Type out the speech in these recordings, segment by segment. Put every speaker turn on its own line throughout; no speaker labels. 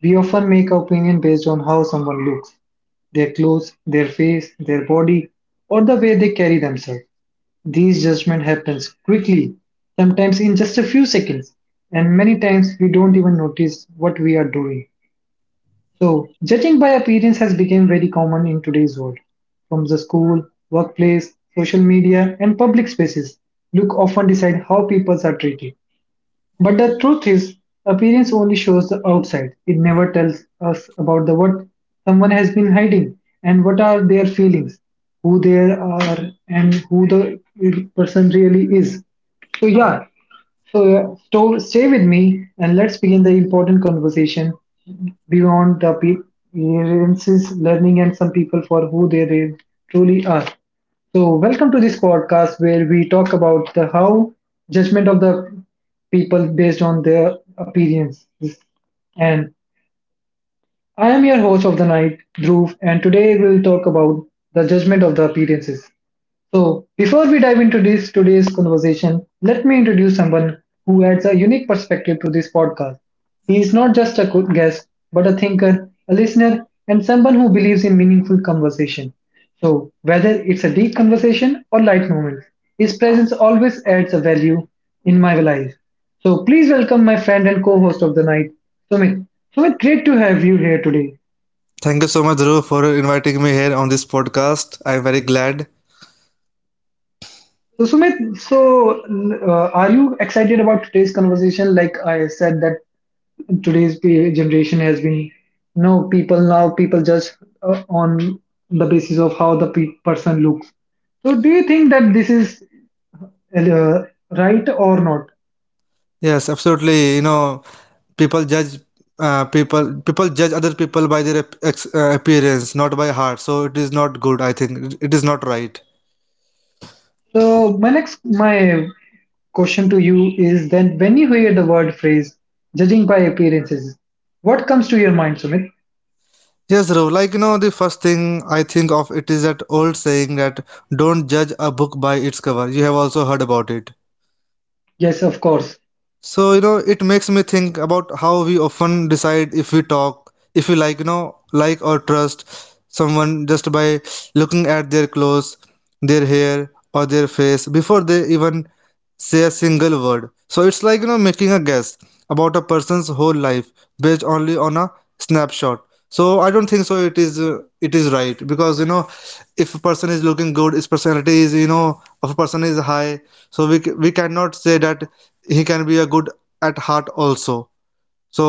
We often make our opinion based on how someone looks, their clothes, their face, their body, or the way they carry themselves. These judgment happens quickly, sometimes in just a few seconds, and many times we don't even notice what we are doing. So, judging by appearance has become very common in today's world. From the school, workplace, social media, and public spaces, look often decide how people are treated. But the truth is, appearance only shows the outside. It never tells us about the what someone has been hiding and what are their feelings, who they are, and who the person really is. So yeah, stay with me and let's begin the important conversation beyond the appearances, learning, and some people for who truly are. So, welcome to this podcast where we talk about the how judgment of the people based on their appearance. And I am your host of the night, Dhruv, and today we'll talk about the judgment of the appearances. So, before we dive into this today's conversation, let me introduce someone who adds a unique perspective to this podcast. He is not just a good guest, but a thinker, a listener, and someone who believes in meaningful conversation. So, whether it's a deep conversation or light moments, his presence always adds a value in my life. So, please welcome my friend and co-host of the night, Sumit. Sumit, great to have you here today.
Thank you so much, Dhruv, for inviting me here on this podcast. I'm very glad.
So Sumit, are you excited about today's conversation? Like I said, that today's generation has been, people judge on the basis of how the person looks. So do you think that this is uh, right or not?
Yes, absolutely. You know, people judge people judge other people by their appearance, not by heart. So it is not good. I think it is not right.
So my question to you is then when you hear the word phrase judging by appearances, what comes to your mind, Sumit?
Yes, Dhruv. Like you know, the first thing I think of it is that old saying that don't judge a book by its cover. You have also heard about it.
Yes, of course.
So, you know, it makes me think about how we often decide if we talk, if we, like, like or trust someone just by looking at their clothes, their hair, or their face before they even say a single word. So it's like, you know, making a guess about a person's whole life based only on a snapshot. So I don't think so it is right because, you know, if a person is looking good, his personality is, you know, if a person is high, so we cannot say that he can be a good at heart also. So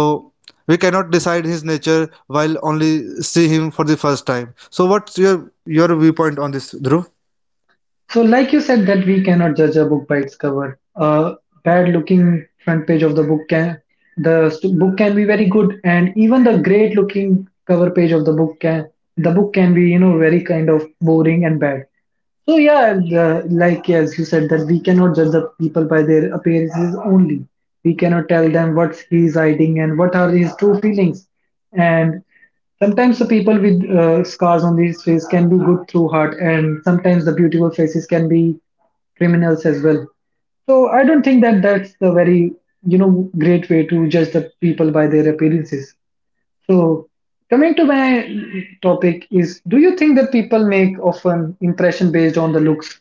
we cannot decide his nature while only see him for the first time. So what's your viewpoint on this, Dhruv?
So, like you said, that we cannot judge a book by its cover. A bad-looking front page of the book can book can be very good, and even the great-looking cover page of the book can be very kind of boring and bad. So yeah, like yeah, as you said that we cannot judge the people by their appearances only. We cannot tell them what he is hiding and what are his true feelings. And sometimes the people with scars on their face can be good through heart, and sometimes the beautiful faces can be criminals as well. So I don't think that's the very great way to judge the people by their appearances. So coming to my topic is, do you think that people make often impression based on the looks?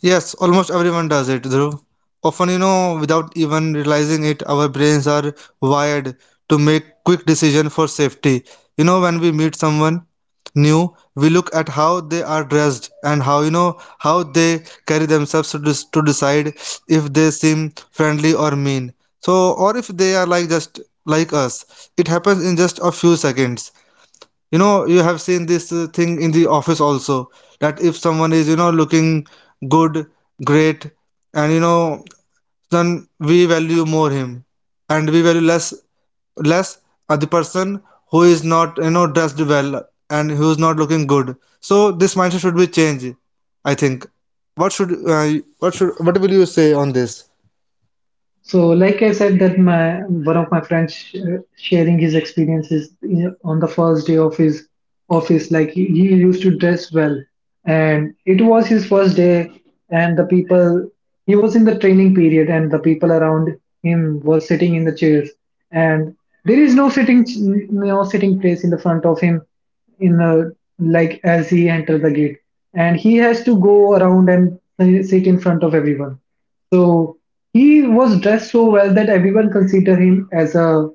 Yes, almost everyone does it, Dhruv. Often, you know, without even realizing it, our brains are wired to make quick decisions for safety. You know, when we meet someone new, we look at how they are dressed and how, you know, how they carry themselves to, to decide if they seem friendly or mean. So, or if they are like just like us. It happens in just a few seconds. You know, you have seen this thing in the office also, that if someone is, you know, looking good, great, and, you know, then we value more him, and we value less the person who is not, you know, dressed well and who is not looking good. So this mindset should be changed, I think. What should uh, what should, what will you say on this?
So, like I said, that my one of my friends sharing his experiences on the first day of his office. Like he used to dress well, and it was his first day, and the people he was in the training period, and the people around him were sitting in the chairs, and there is no sitting no sitting place in the front of him in the like as he entered the gate, and he has to go around and sit in front of everyone so he was dressed so well that everyone consider him as a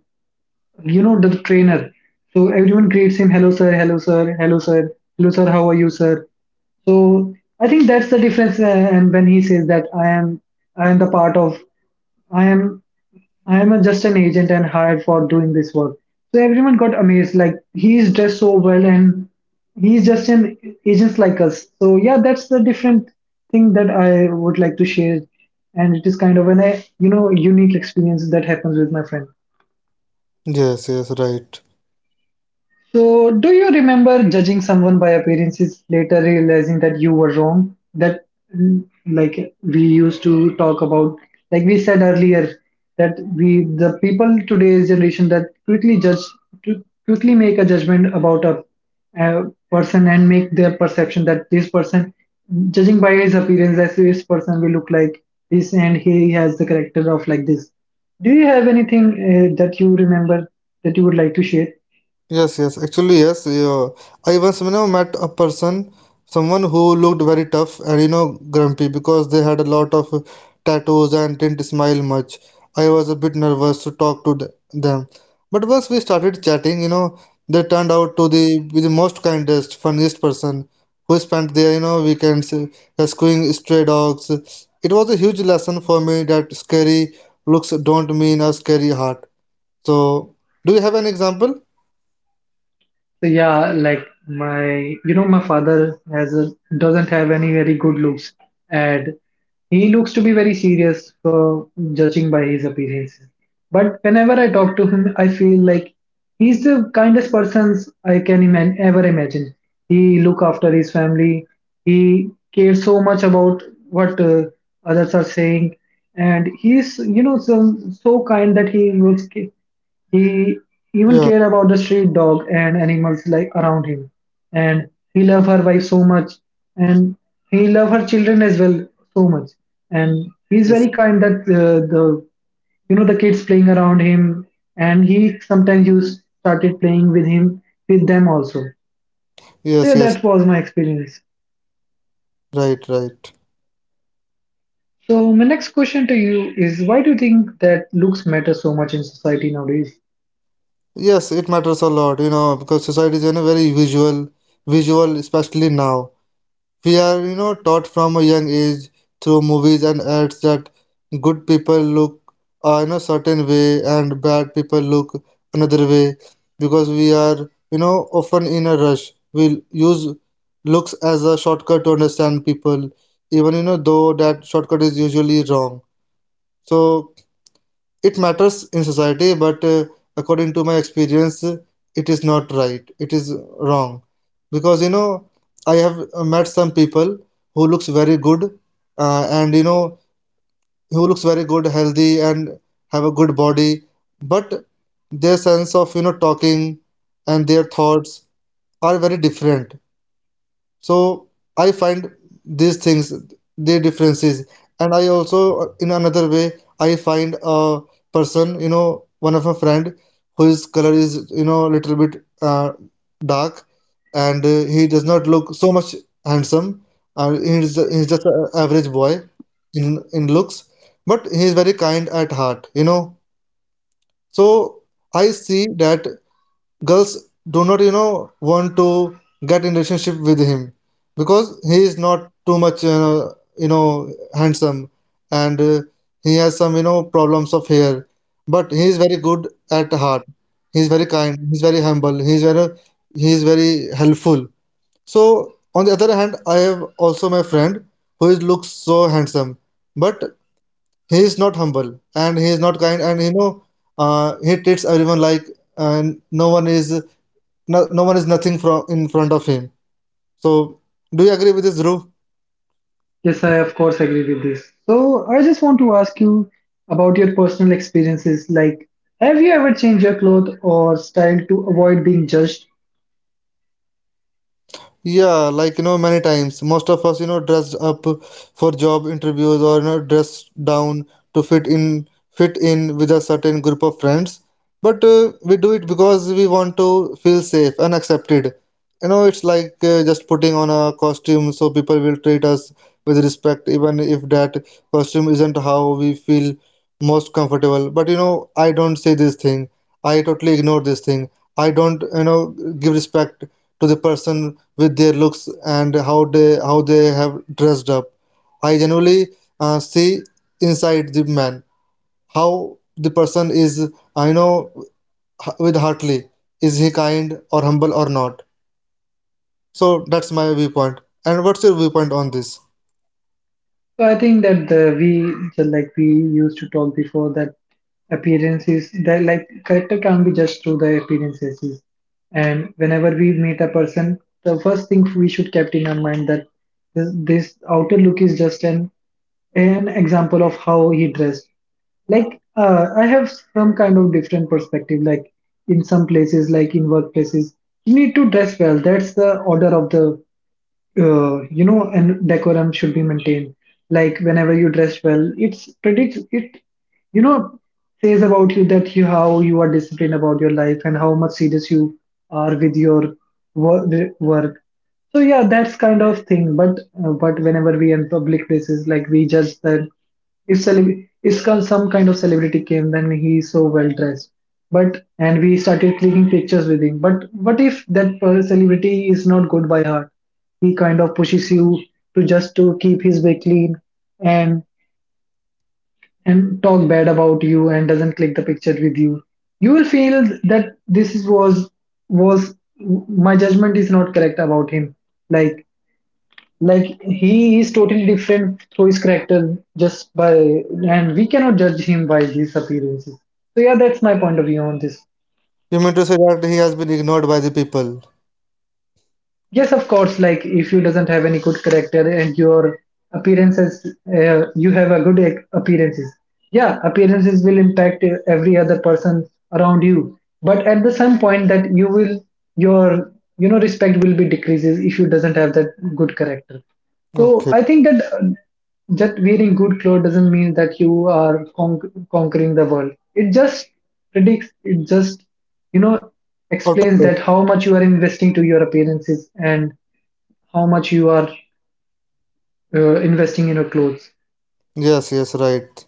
the trainer. So everyone greets him, hello sir, hello sir, hello sir, hello sir, how are you sir? So I think that's the difference. And when he says that I am the part of, I am just an agent and hired for doing this work. So everyone got amazed. Like he's dressed so well and he's just an agent like us. So yeah, that's the different thing that I would like to share. And it is kind of an unique experience that happens with my friend.
Yes, yes, right.
So, do you remember judging someone by appearances, later realizing that you were wrong? That, mm, like, we used to talk about, like we said earlier, that we, the people today's generation, that quickly judge, to quickly make a judgment about a person and make their perception that this person, judging by his appearance, that this person will look like this and he has the character of like this. Do you have anything that you remember that you would like to share?
Yes, yes, actually, yes. Yeah. I once, you know, met a person, someone who looked very tough and, you know, grumpy because they had a lot of tattoos and didn't smile much. I was a bit nervous to talk to them. But once we started chatting, you know, they turned out to be the most kindest, funniest person who spent their, you know, weekends rescuing stray dogs. It was a huge lesson for me that scary looks don't mean a scary heart. So, do you have an example?
So yeah, like my father doesn't have any very good looks, and he looks to be very serious for judging by his appearances. But whenever I talk to him, I feel like he's the kindest person I can ever imagine. He look after his family. He cares so much about what others are saying, and he's, so, so kind that he looks. He even
Yeah.
cared about the street dog and animals like around him. And he loved her wife so much, and he loved her children as well so much. And he's
Yes,
very kind that the you know the kids playing around him, and he sometimes used started playing with them also. So
yes,
yeah,
yes.
that was my experience.
Right, right.
So my next question to you is why do you think that looks matter so much in society nowadays?
Yes, it matters a lot, you know, because society is, you know, very visual, especially now. We are, you know, taught from a young age through movies and ads that good people look in a certain way and bad people look another way because we are, you know, often in a rush. We use looks as a shortcut to understand people, even, you know, though that shortcut is usually wrong. So it matters in society, but according to my experience, it is not right. It is wrong. Because, you know, I have met some people who looks very good, and, you know, who looks very good, healthy, and have a good body, but their sense of, you know, talking and their thoughts are very different. So I find these things, the differences. And I also, in another way, I find a person, you know, one of a friend whose color is, you know, a little bit dark, and he does not look so much handsome he's just an average boy in looks, but he is very kind at heart, you know. So I see that girls do not, you know, want to get in relationship with him because he is not too much you know, handsome, and he has some, you know, problems of hair. But he is very good at heart. He is very kind. He is very humble. He is very, he is very helpful. So on the other hand, I have also my friend who is looks so handsome, but he is not humble and he is not kind, and, you know, he treats everyone like uh, no one is no one is nothing from in front of him. So do you agree with this, Dhruv?
Yes, I of course agree with this. So I just want to ask you about your personal experiences. Like, have you ever changed your clothes or style to avoid being judged?
Yeah, like, you know, many times most of us, you know, dressed up for job interviews or, you know, dressed down to fit in with a certain group of friends. But we do it because we want to feel safe and accepted. You know, it's like just putting on a costume so people will treat us with respect, even if that costume isn't how we feel most comfortable. But, you know, I don't say this thing. I totally ignore this thing. I don't, you know, give respect to the person with their looks and how they have dressed up. I generally see inside the man how the person is. I know, with heartily, is he kind or humble or not. So that's my viewpoint, and what's your viewpoint on this?
So I think that the we so like we used to talk before that appearances that like character can't be judged through the appearances. And whenever we meet a person, the first thing we should kept in our mind that this outer look is just an example of how he dressed. Like I have some kind of different perspective. Like in some places, like in workplaces, you need to dress well. That's the order of and decorum should be maintained. Like whenever you dress well, it's predicts it, you know, says about you that you how you are disciplined about your life and how much serious you are with your wor- work. So yeah, that's kind of thing. But whenever we in public places, like we judge that if some kind of celebrity came, then he's so well dressed. But and we started clicking pictures with him. But what if that celebrity is not good by heart? He kind of pushes you to just to keep his way clean and and talk bad about you and doesn't click the picture with you will feel that this is, was my judgment is not correct about him, like like he is totally different through his character just by and we cannot judge him by his appearances. So yeah, that's my point of view on this.
You mean to say that he has been ignored by the people?
Yes, of course. Like if you doesn't have any good character and your appearances, you have a good appearances. Yeah, appearances will impact every other person around you. But at the some point that your respect will be decreases if you doesn't have that good character. So
Okay.
I think that just wearing good clothes doesn't mean that you are conquering the world. It just predicts, it just, you know,
Out of-
explains
there.
that how much you are investing to your appearances and how much you are investing in your clothes.
Yes, yes, right.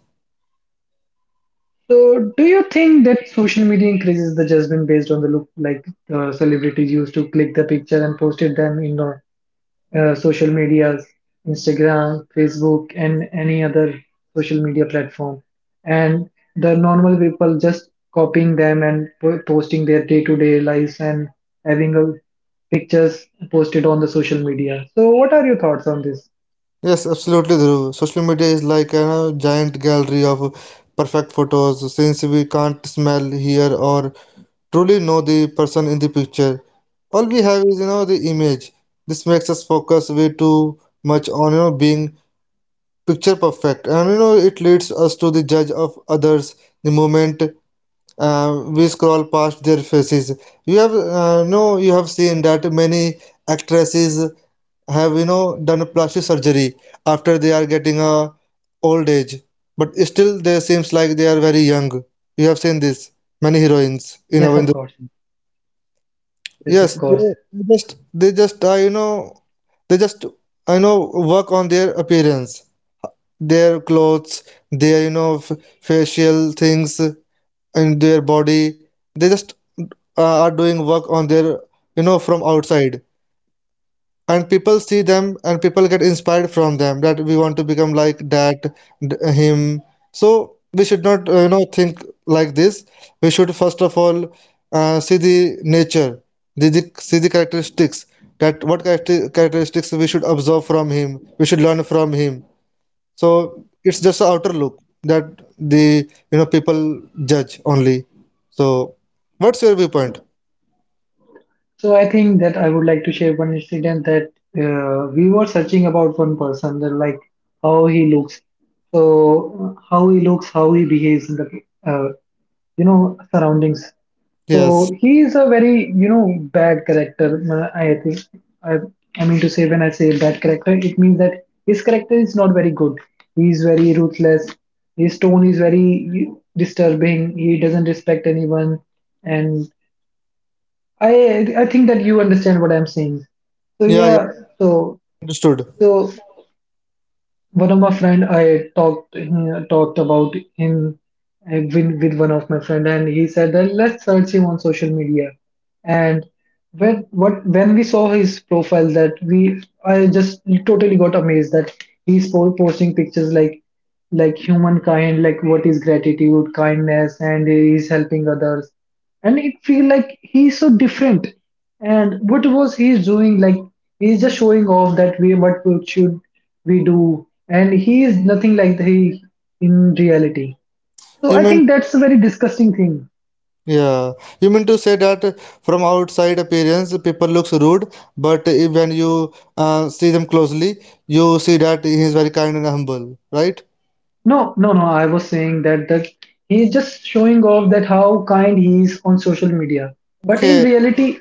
So do you think that social media increases the judgment based on the look like celebrities used to click the picture and posted them in the social medias, Instagram, Facebook, and any other social media platform. And the normal people just copying them and posting their day-to-day lives and having a pictures posted on the social media. So, what are your thoughts on this?
Yes, absolutely, Dhruv. Social media is like a giant gallery of perfect photos, since we can't smell, hear, or truly know the person in the picture. All we have is, you know, the image. This makes us focus way too much on, you know, being picture perfect. And, you know, it leads us to the judge of others the moment we scroll past their faces. You have, no, you have seen that many actresses have, you know, done a plastic surgery after they are getting a old age, but still they seems like they are very young. You have seen this, many heroines in
Yes,
our
of course.
industry.
Yes,
Yes,
of course.
they just you know they just I know, work on their appearance, their clothes, their, you know, facial things in their body. They just are doing work on their, you know, from outside, and people see them and people get inspired from them that we want to become like him. So we should not you know, think like this. We should first of all see the nature, the see the characteristics, that what characteristics we should observe from him, we should learn from him. So it's just an outer look that the, you know, people judge only. So what's your viewpoint?
So, I think that I would like to share one incident that we were searching about one person, that like how he looks, how he behaves in the uh, surroundings.
Yes.
So he is a very bad character. I think I, I mean to say when I say bad character, it means that his character is not very good. He is very ruthless. His tone is very disturbing. He doesn't respect anyone, and I think that you understand what I'm saying. So
Yeah, yeah.
yeah, so
Understood.
so one of my friend I talked talked about him with one of my friend and he said that let's search him on social media and when we saw his profile, that we I just totally got amazed that he's posting pictures like humankind, like what is gratitude, kindness, and he's helping others. And it feel like he's so different. And what was he doing? Like he's just showing off that we what we should we do, and he is nothing like he in reality. So
You
I
mean,
think that's a very disgusting thing.
yeah, you mean to say that from outside appearance, people looks rude, but if when you see them closely, you see that he is very kind and humble, right?
No, no, no. I was saying that he's just showing off that how kind he is on social media. But in
Okay,
reality,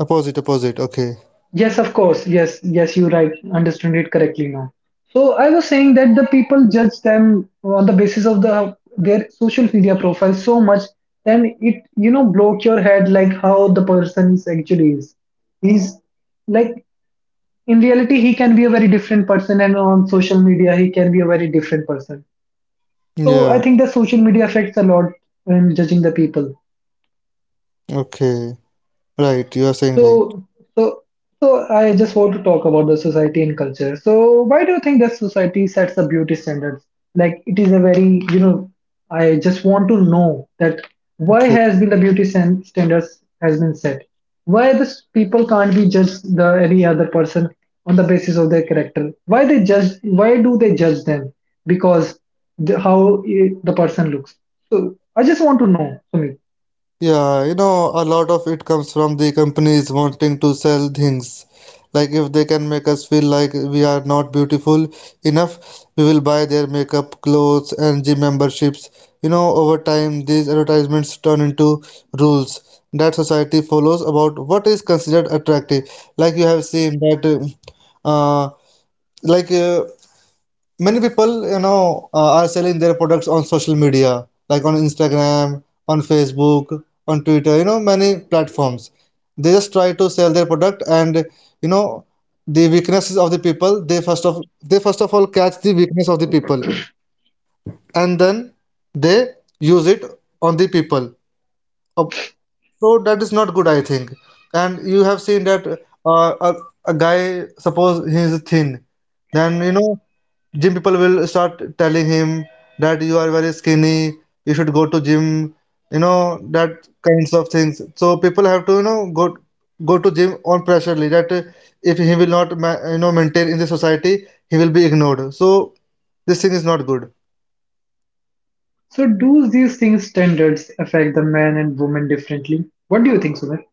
opposite, opposite. Okay,
yes, of course, yes, yes, you right, understood it correctly now. So I was saying that the people judge them on the basis of their social media profile so much, then it block your head like how the person is actually is. He's like in reality he can be a very different person, and on social media he can be a very different person. So I
yeah,
think that social media affects a lot in judging the people.
okay, right. You are saying right.
So, so, so I just want to talk about the society and culture. So, why do you think that society sets the beauty standards? Like, it is a very, I just want to know that why
Okay.
has been the standards has been set? Why this people can't be just the any other person on the basis of their character? Why they judge? Why do they judge them? Because the, the person looks. So, I just want to know, Sumit.
Yeah, you know, a lot of it comes from the companies wanting to sell things. Like, if they can make us feel like we are not beautiful enough, we will buy their makeup, clothes, and gym memberships. You know, over time, these advertisements turn into rules that society follows about what is considered attractive. Like, you have seen that, uh, uh, like, many people, you know, are selling their products on social media, like on Instagram, on Facebook, on Twitter, you know, many platforms. They just try to sell their product, and, you know, the weaknesses of the people, they first of all catch the weakness of the people, and then they use it on the people of. So that is not good, I think. And you have seen that a guy, suppose he is thin, then, you know, gym people will start telling him that you are very skinny, you should go to gym, you know, that kinds of things. So people have to, you know, go to gym on pressurely, that if he will not you know, maintain in the society, he will be ignored. So this thing is not good.
So do these things standards affect the man and woman differently? What do you think, Sumit?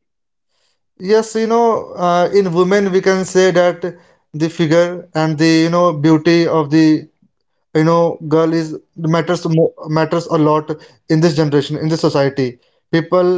Yes, you know, in women we can say that the figure and the, you know, beauty of the, you know, girl is matters mo- matters a lot. In this generation, in this society, people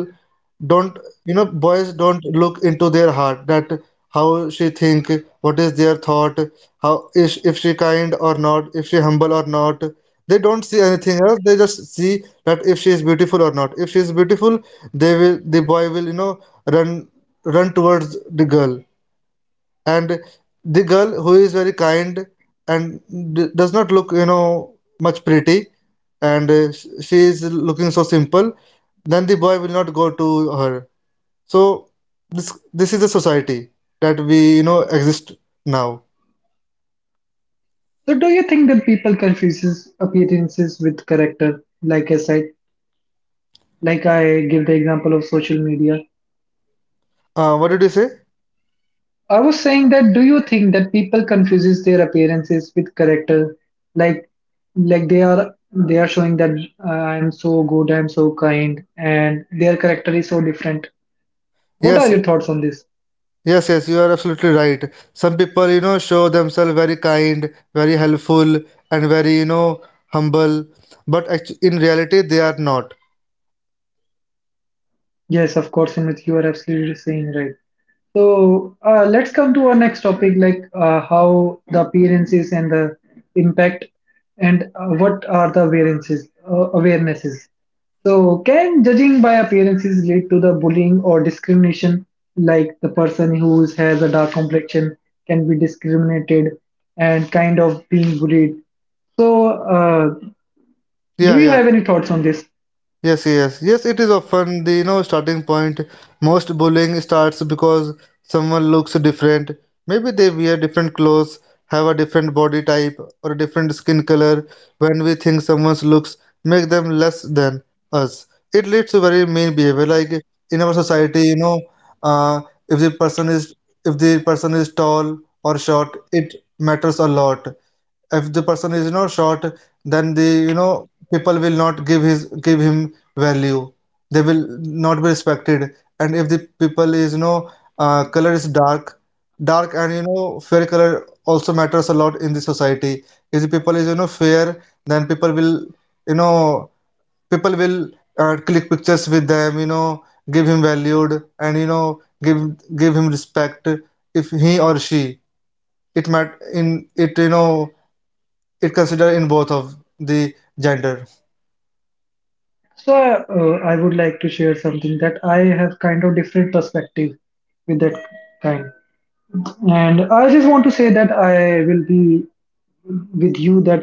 don't, you know, boys don't look into their heart that how she think, what is their thought, how is, if she kind or not, if she humble or not. They don't see anything else. They just see that if she is beautiful or not. If she is beautiful, they will, the boy will, you know, run run towards the girl. And the girl who is very kind and d does not look, you know, much pretty, and she is looking so simple, then the boy will not go to her. So this is the society that we exist now.
So do you think that people confuses appearances with character? Like I said, like I give the example of social media.
What did you say?
I was saying that do you think that people confuses their appearances with character? Like they are showing that I am so good, I am so kind, and their character is so different. What are
Yes,
your thoughts on this?
yes, yes, you are absolutely right. Some people, show themselves very kind, very helpful, and very, humble. But actu in reality they are not.
Yes, of course, Amit, you are absolutely saying right. So let's come to our next topic, like how the appearances and the impact, and what are the variances, awarenesses. So can judging by appearances lead to the bullying or discrimination? Like the person has a dark complexion can be discriminated and kind of being bullied. So uh, do
Yeah,
you
yeah.
have any thoughts on this?
Yes, yes, yes, it is often the, starting point. Most bullying starts because someone looks different. Maybe they wear different clothes, have a different body type, or a different skin color. When we think someone's looks make them less than us, it leads to very mean behavior. Like in our society, uh, if the person is if the person is tall or short, it matters a lot. If the person is short, then the you know people will not give him value. They will not be respected. And if the people is, color is dark, and fair color also matters a lot in the society. If the people is fair, then you know people will click pictures with them. Give him valued, and give him respect if he or she... it mat in it it consider in both of the gender.
So I would like to share something that I have kind of different perspective with that kind. And I just want to say that I will be with you that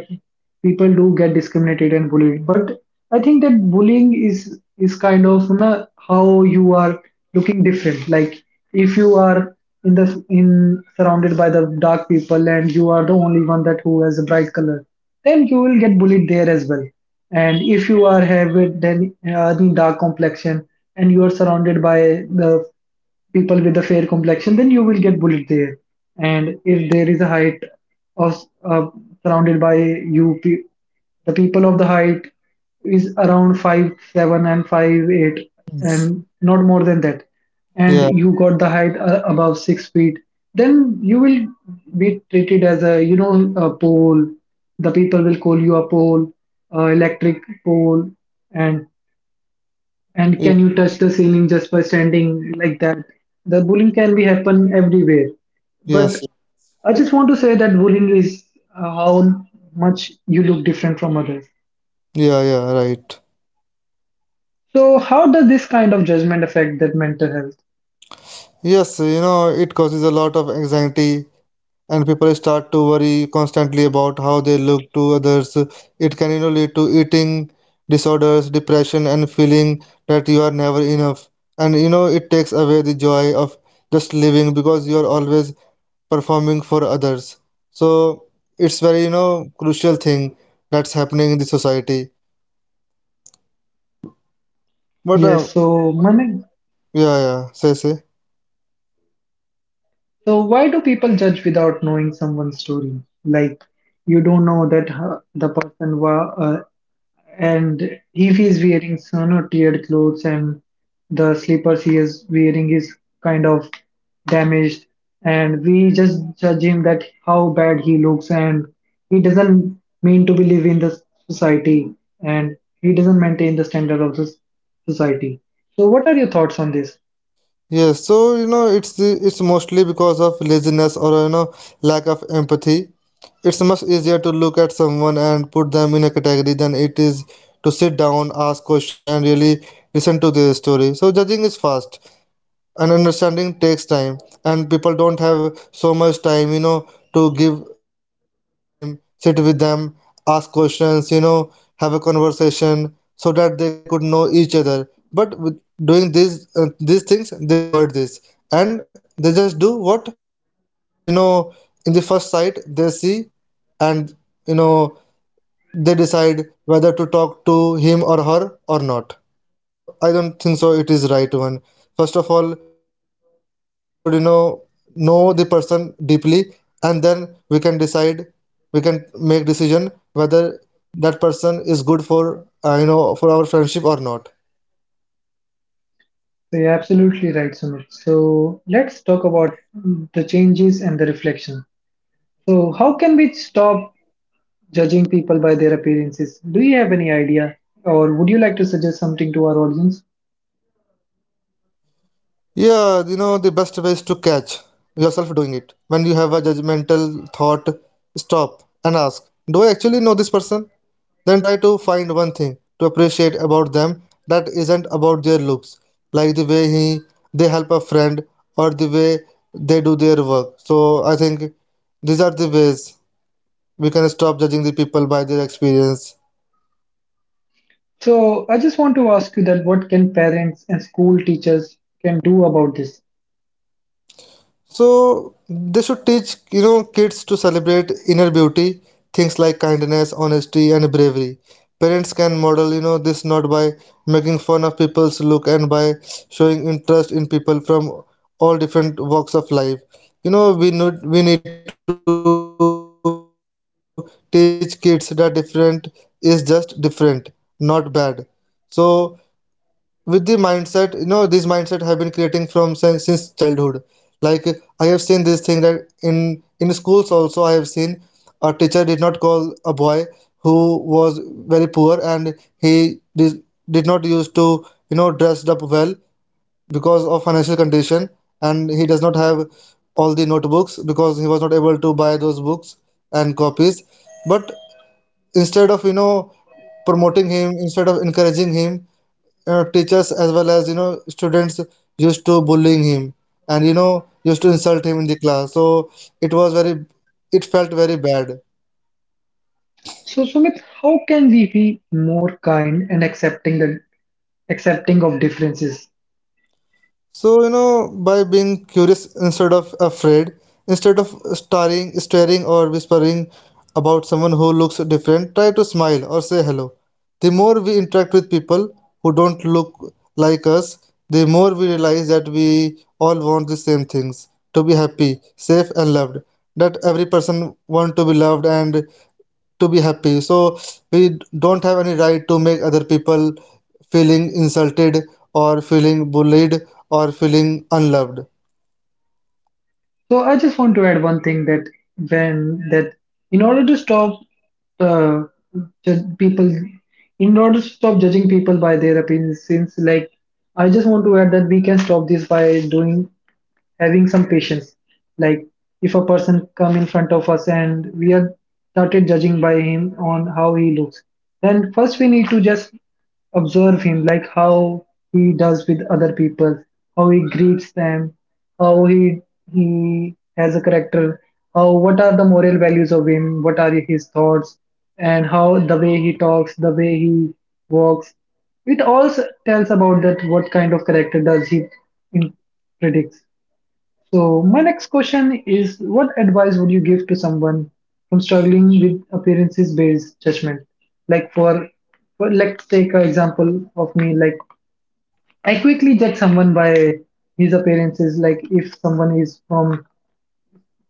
people do get discriminated and bullied. But I think that bullying is kind of, you know, how you are looking different. Like if you are in the in surrounded by the dark people and you are the only one that who has a bright color, then you will get bullied there as well. And if you are have it, then the dark complexion and you are surrounded by the people with a fair complexion, then you will get bullied there. And if there is a height of surrounded by you, pe- the people of the height is around 5'7" and 5'8" and not more than that.
Yeah.
And you got the height above 6 feet, then you will be treated as a, you know, a pole. The people will call you a pole, electric pole, and
Ye-
can you touch the ceiling just by standing like that? The bullying can be happen everywhere.
Yes,
But I just want to say that bullying is how much you look different from others.
yeah, yeah, right.
So how does this kind of judgment affect that mental health?
Yes, it causes a lot of anxiety, and people start to worry constantly about how they look to others. It can, lead to eating disorders, depression, and feeling that you are never enough. And, it takes away the joy of just living, because you are always performing for others. So it's very, crucial thing that's happening in the society. But,
Yes, so Manik,
yeah, yeah, say, say.
so why do people judge without knowing someone's story? Like you don't know that the person was and if he is wearing sun or teared clothes and the slippers he is wearing is kind of damaged, and we just judge him that how bad he looks, and he doesn't mean to be live in the society, and he doesn't maintain the standard of society. So, what are your thoughts on this?
Yes, so it's mostly because of laziness, or lack of empathy. It's much easier to look at someone and put them in a category than it is to sit down, ask question, and really listen to their story. So judging is fast, and understanding takes time, and people don't have so much time, to give other person time, sit with them, ask questions, have a conversation so that they could know each other. But with doing these things, they avoid this, and they just do what they just, in the first sight they see, and you know they decide whether to talk to him or her or not. So I don't think so it is right one. First of all, we should know the person deeply, and then we can make decision whether that person is good for for our friendship or not.
So you're absolutely right, Sumit. So let's talk about the changes and the reflection. So how can we stop judging people by their appearances? Do you have any idea, or would you like to suggest something to our audience?
Yeah, the best way is to catch yourself doing it. When you have a judgmental thought, stop and ask, do I actually know this person? Then try to find one thing to appreciate about them that isn't about their looks, like the way they help a friend, or the way they do their work. So I think these are the ways we can stop judging the people by their experience.
So, I just want to ask you that what can parents and school teachers can do about this?
So they should teach, kids to celebrate inner beauty, things like kindness, honesty, and bravery. Parents can model, this, not by making fun of people's look, and by showing interest in people from all different walks of life. We need to teach kids that different is just different, not bad. So with the mindset, this mindset have been creating from since childhood. Like I have seen this thing, that in schools also I have seen a teacher did not call a boy who was very poor, and he did, did not used to dressed up well because of financial condition, and he does not have all the notebooks because he was not able to buy those books and copies. But instead of promoting him, instead of encouraging him, teachers as well as students used to bullying him, and used to insult him in the class. So it was very it felt very bad.
So, Sumit, how can we be more kind and accepting of differences?
So, by being curious instead of afraid, instead of staring or whispering about someone who looks different, try to smile or say hello. The more we interact with people who don't look like us, the more we realize that we all want the same things: to be happy, safe, and loved. That every person wants to be loved and to be happy. So we don't have any right to make other people feeling insulted, or feeling bullied, or feeling unloved.
So, I just want to add one thing that when that in order to uh, judge people stop judging people by their appearances, like I just want to add that we can stop this by doing having some patience, like if a person come in front of us and we are started judging by him on how he looks, then first we need to just observe him, like how he does with other people, how he greets them, how he has a character, how what are the moral values of him, what are his thoughts, and how the way he talks, the way he walks, it also tells about that what kind of character does he in predicts. So, my next question is what advice would you give to someone from struggling with appearances based judgment? Like, for let's take an example of me, like, I quickly judge someone by his appearances. Like, if someone is from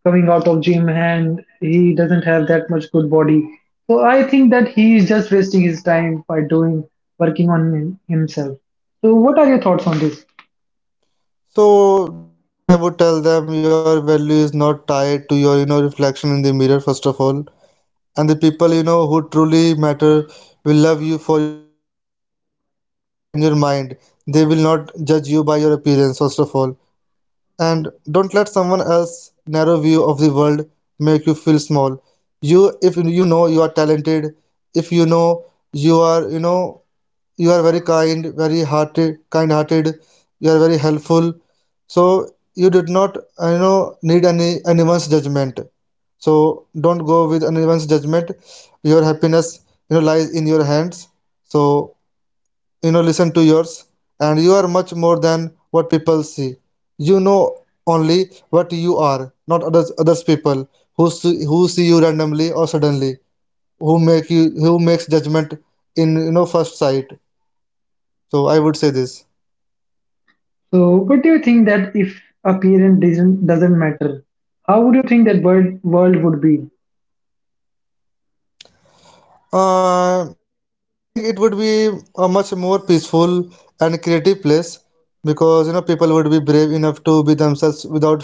coming out of gym and he doesn't have that much good body, so I think that he is just wasting his time by doing working on himself. So, what are your thoughts on this?
So definitely I would tell them, your value is not tied to your, reflection in the mirror, first of all. And the people, who truly matter, will love you for your heart and your mind. They will not judge you by your appearance, first of all. And don't let someone else's narrow view of the world make you feel small. You, if you know you are talented, if you know you are, you know, you are very kind, very hearted, kind-hearted, you are very helpful. So you did not, need anyone's judgment. So don't go with anyone's judgment. Your happiness, lies in your hands. So listen to yours, and you are much more than what people see, you know only what you are, not others people, who see you randomly or suddenly, who makes judgment in first sight. So I would say this.
So, what do you think that if appearance doesn't matter, how would you think that world would be?
Like I think it would be a much more peaceful and creative place, because people would be brave enough to be themselves without fear,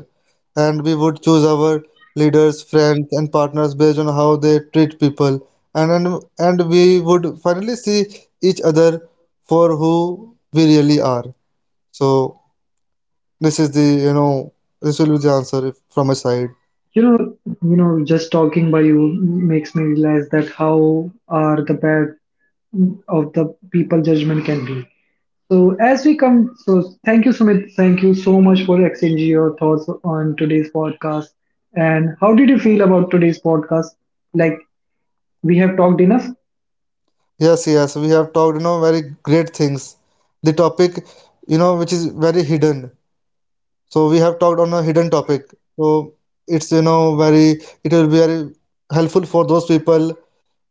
and we would choose our leaders, friends, and partners based on how they treat people, and we would finally see each other for who we really are. So this is the you know this will be the answer, if, from my side.
You know, you know, just talking by you makes me realize that how are the bad of the people judgment can be. So, as we come, so thank you, Sumit. Thank you so much for exchanging your thoughts on today's podcast. And how did you feel about today's podcast? Like we have talked enough.
Yes, yes, we have talked, very great things. The topic, which is very hidden. So we have talked on a hidden topic. So it will be very helpful for those people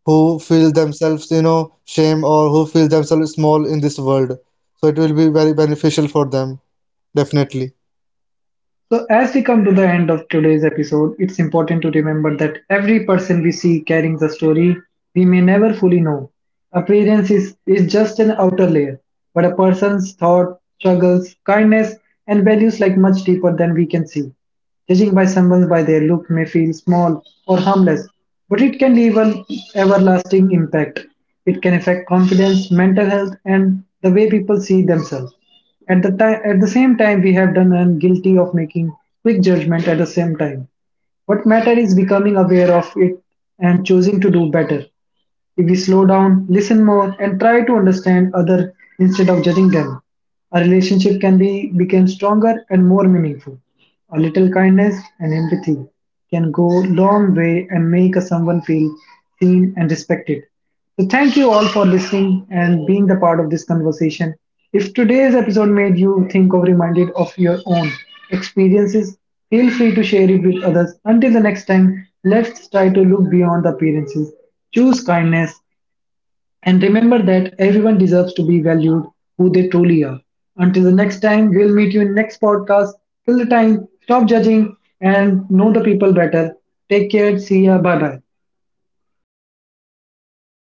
who feel themselves, shame, or who feel themselves small in this world. So it will be very beneficial for them, definitely.
So, as we come to the end of today's episode, it's important to remember that every person we see carries a story we may never fully know. Appearance is just an outer layer, but a person's thought, struggles, kindness, and values lie much deeper than we can see. Judging by someone by their look may feel small or harmless, but it can leave an everlasting impact. It can affect confidence, mental health, and the way people see themselves. At the same time, we have done and guilty of making quick judgment at the same time. What matter is becoming aware of it and choosing to do better. If we slow down, listen more, and try to understand other instead of judging them, a relationship can be become stronger and more meaningful. A little kindness and empathy can go long way and make a someone feel seen and respected. So thank you all for listening and being the part of this conversation. If today's episode made you think or reminded of your own experiences, feel free to share it with others. Until the next time, let's try to look beyond the appearances, choose kindness, and remember that everyone deserves to be valued who they truly are. Until the next time, we'll meet you in next podcast. Till the time, stop judging and know the people better. Take care. See ya. Bye bye.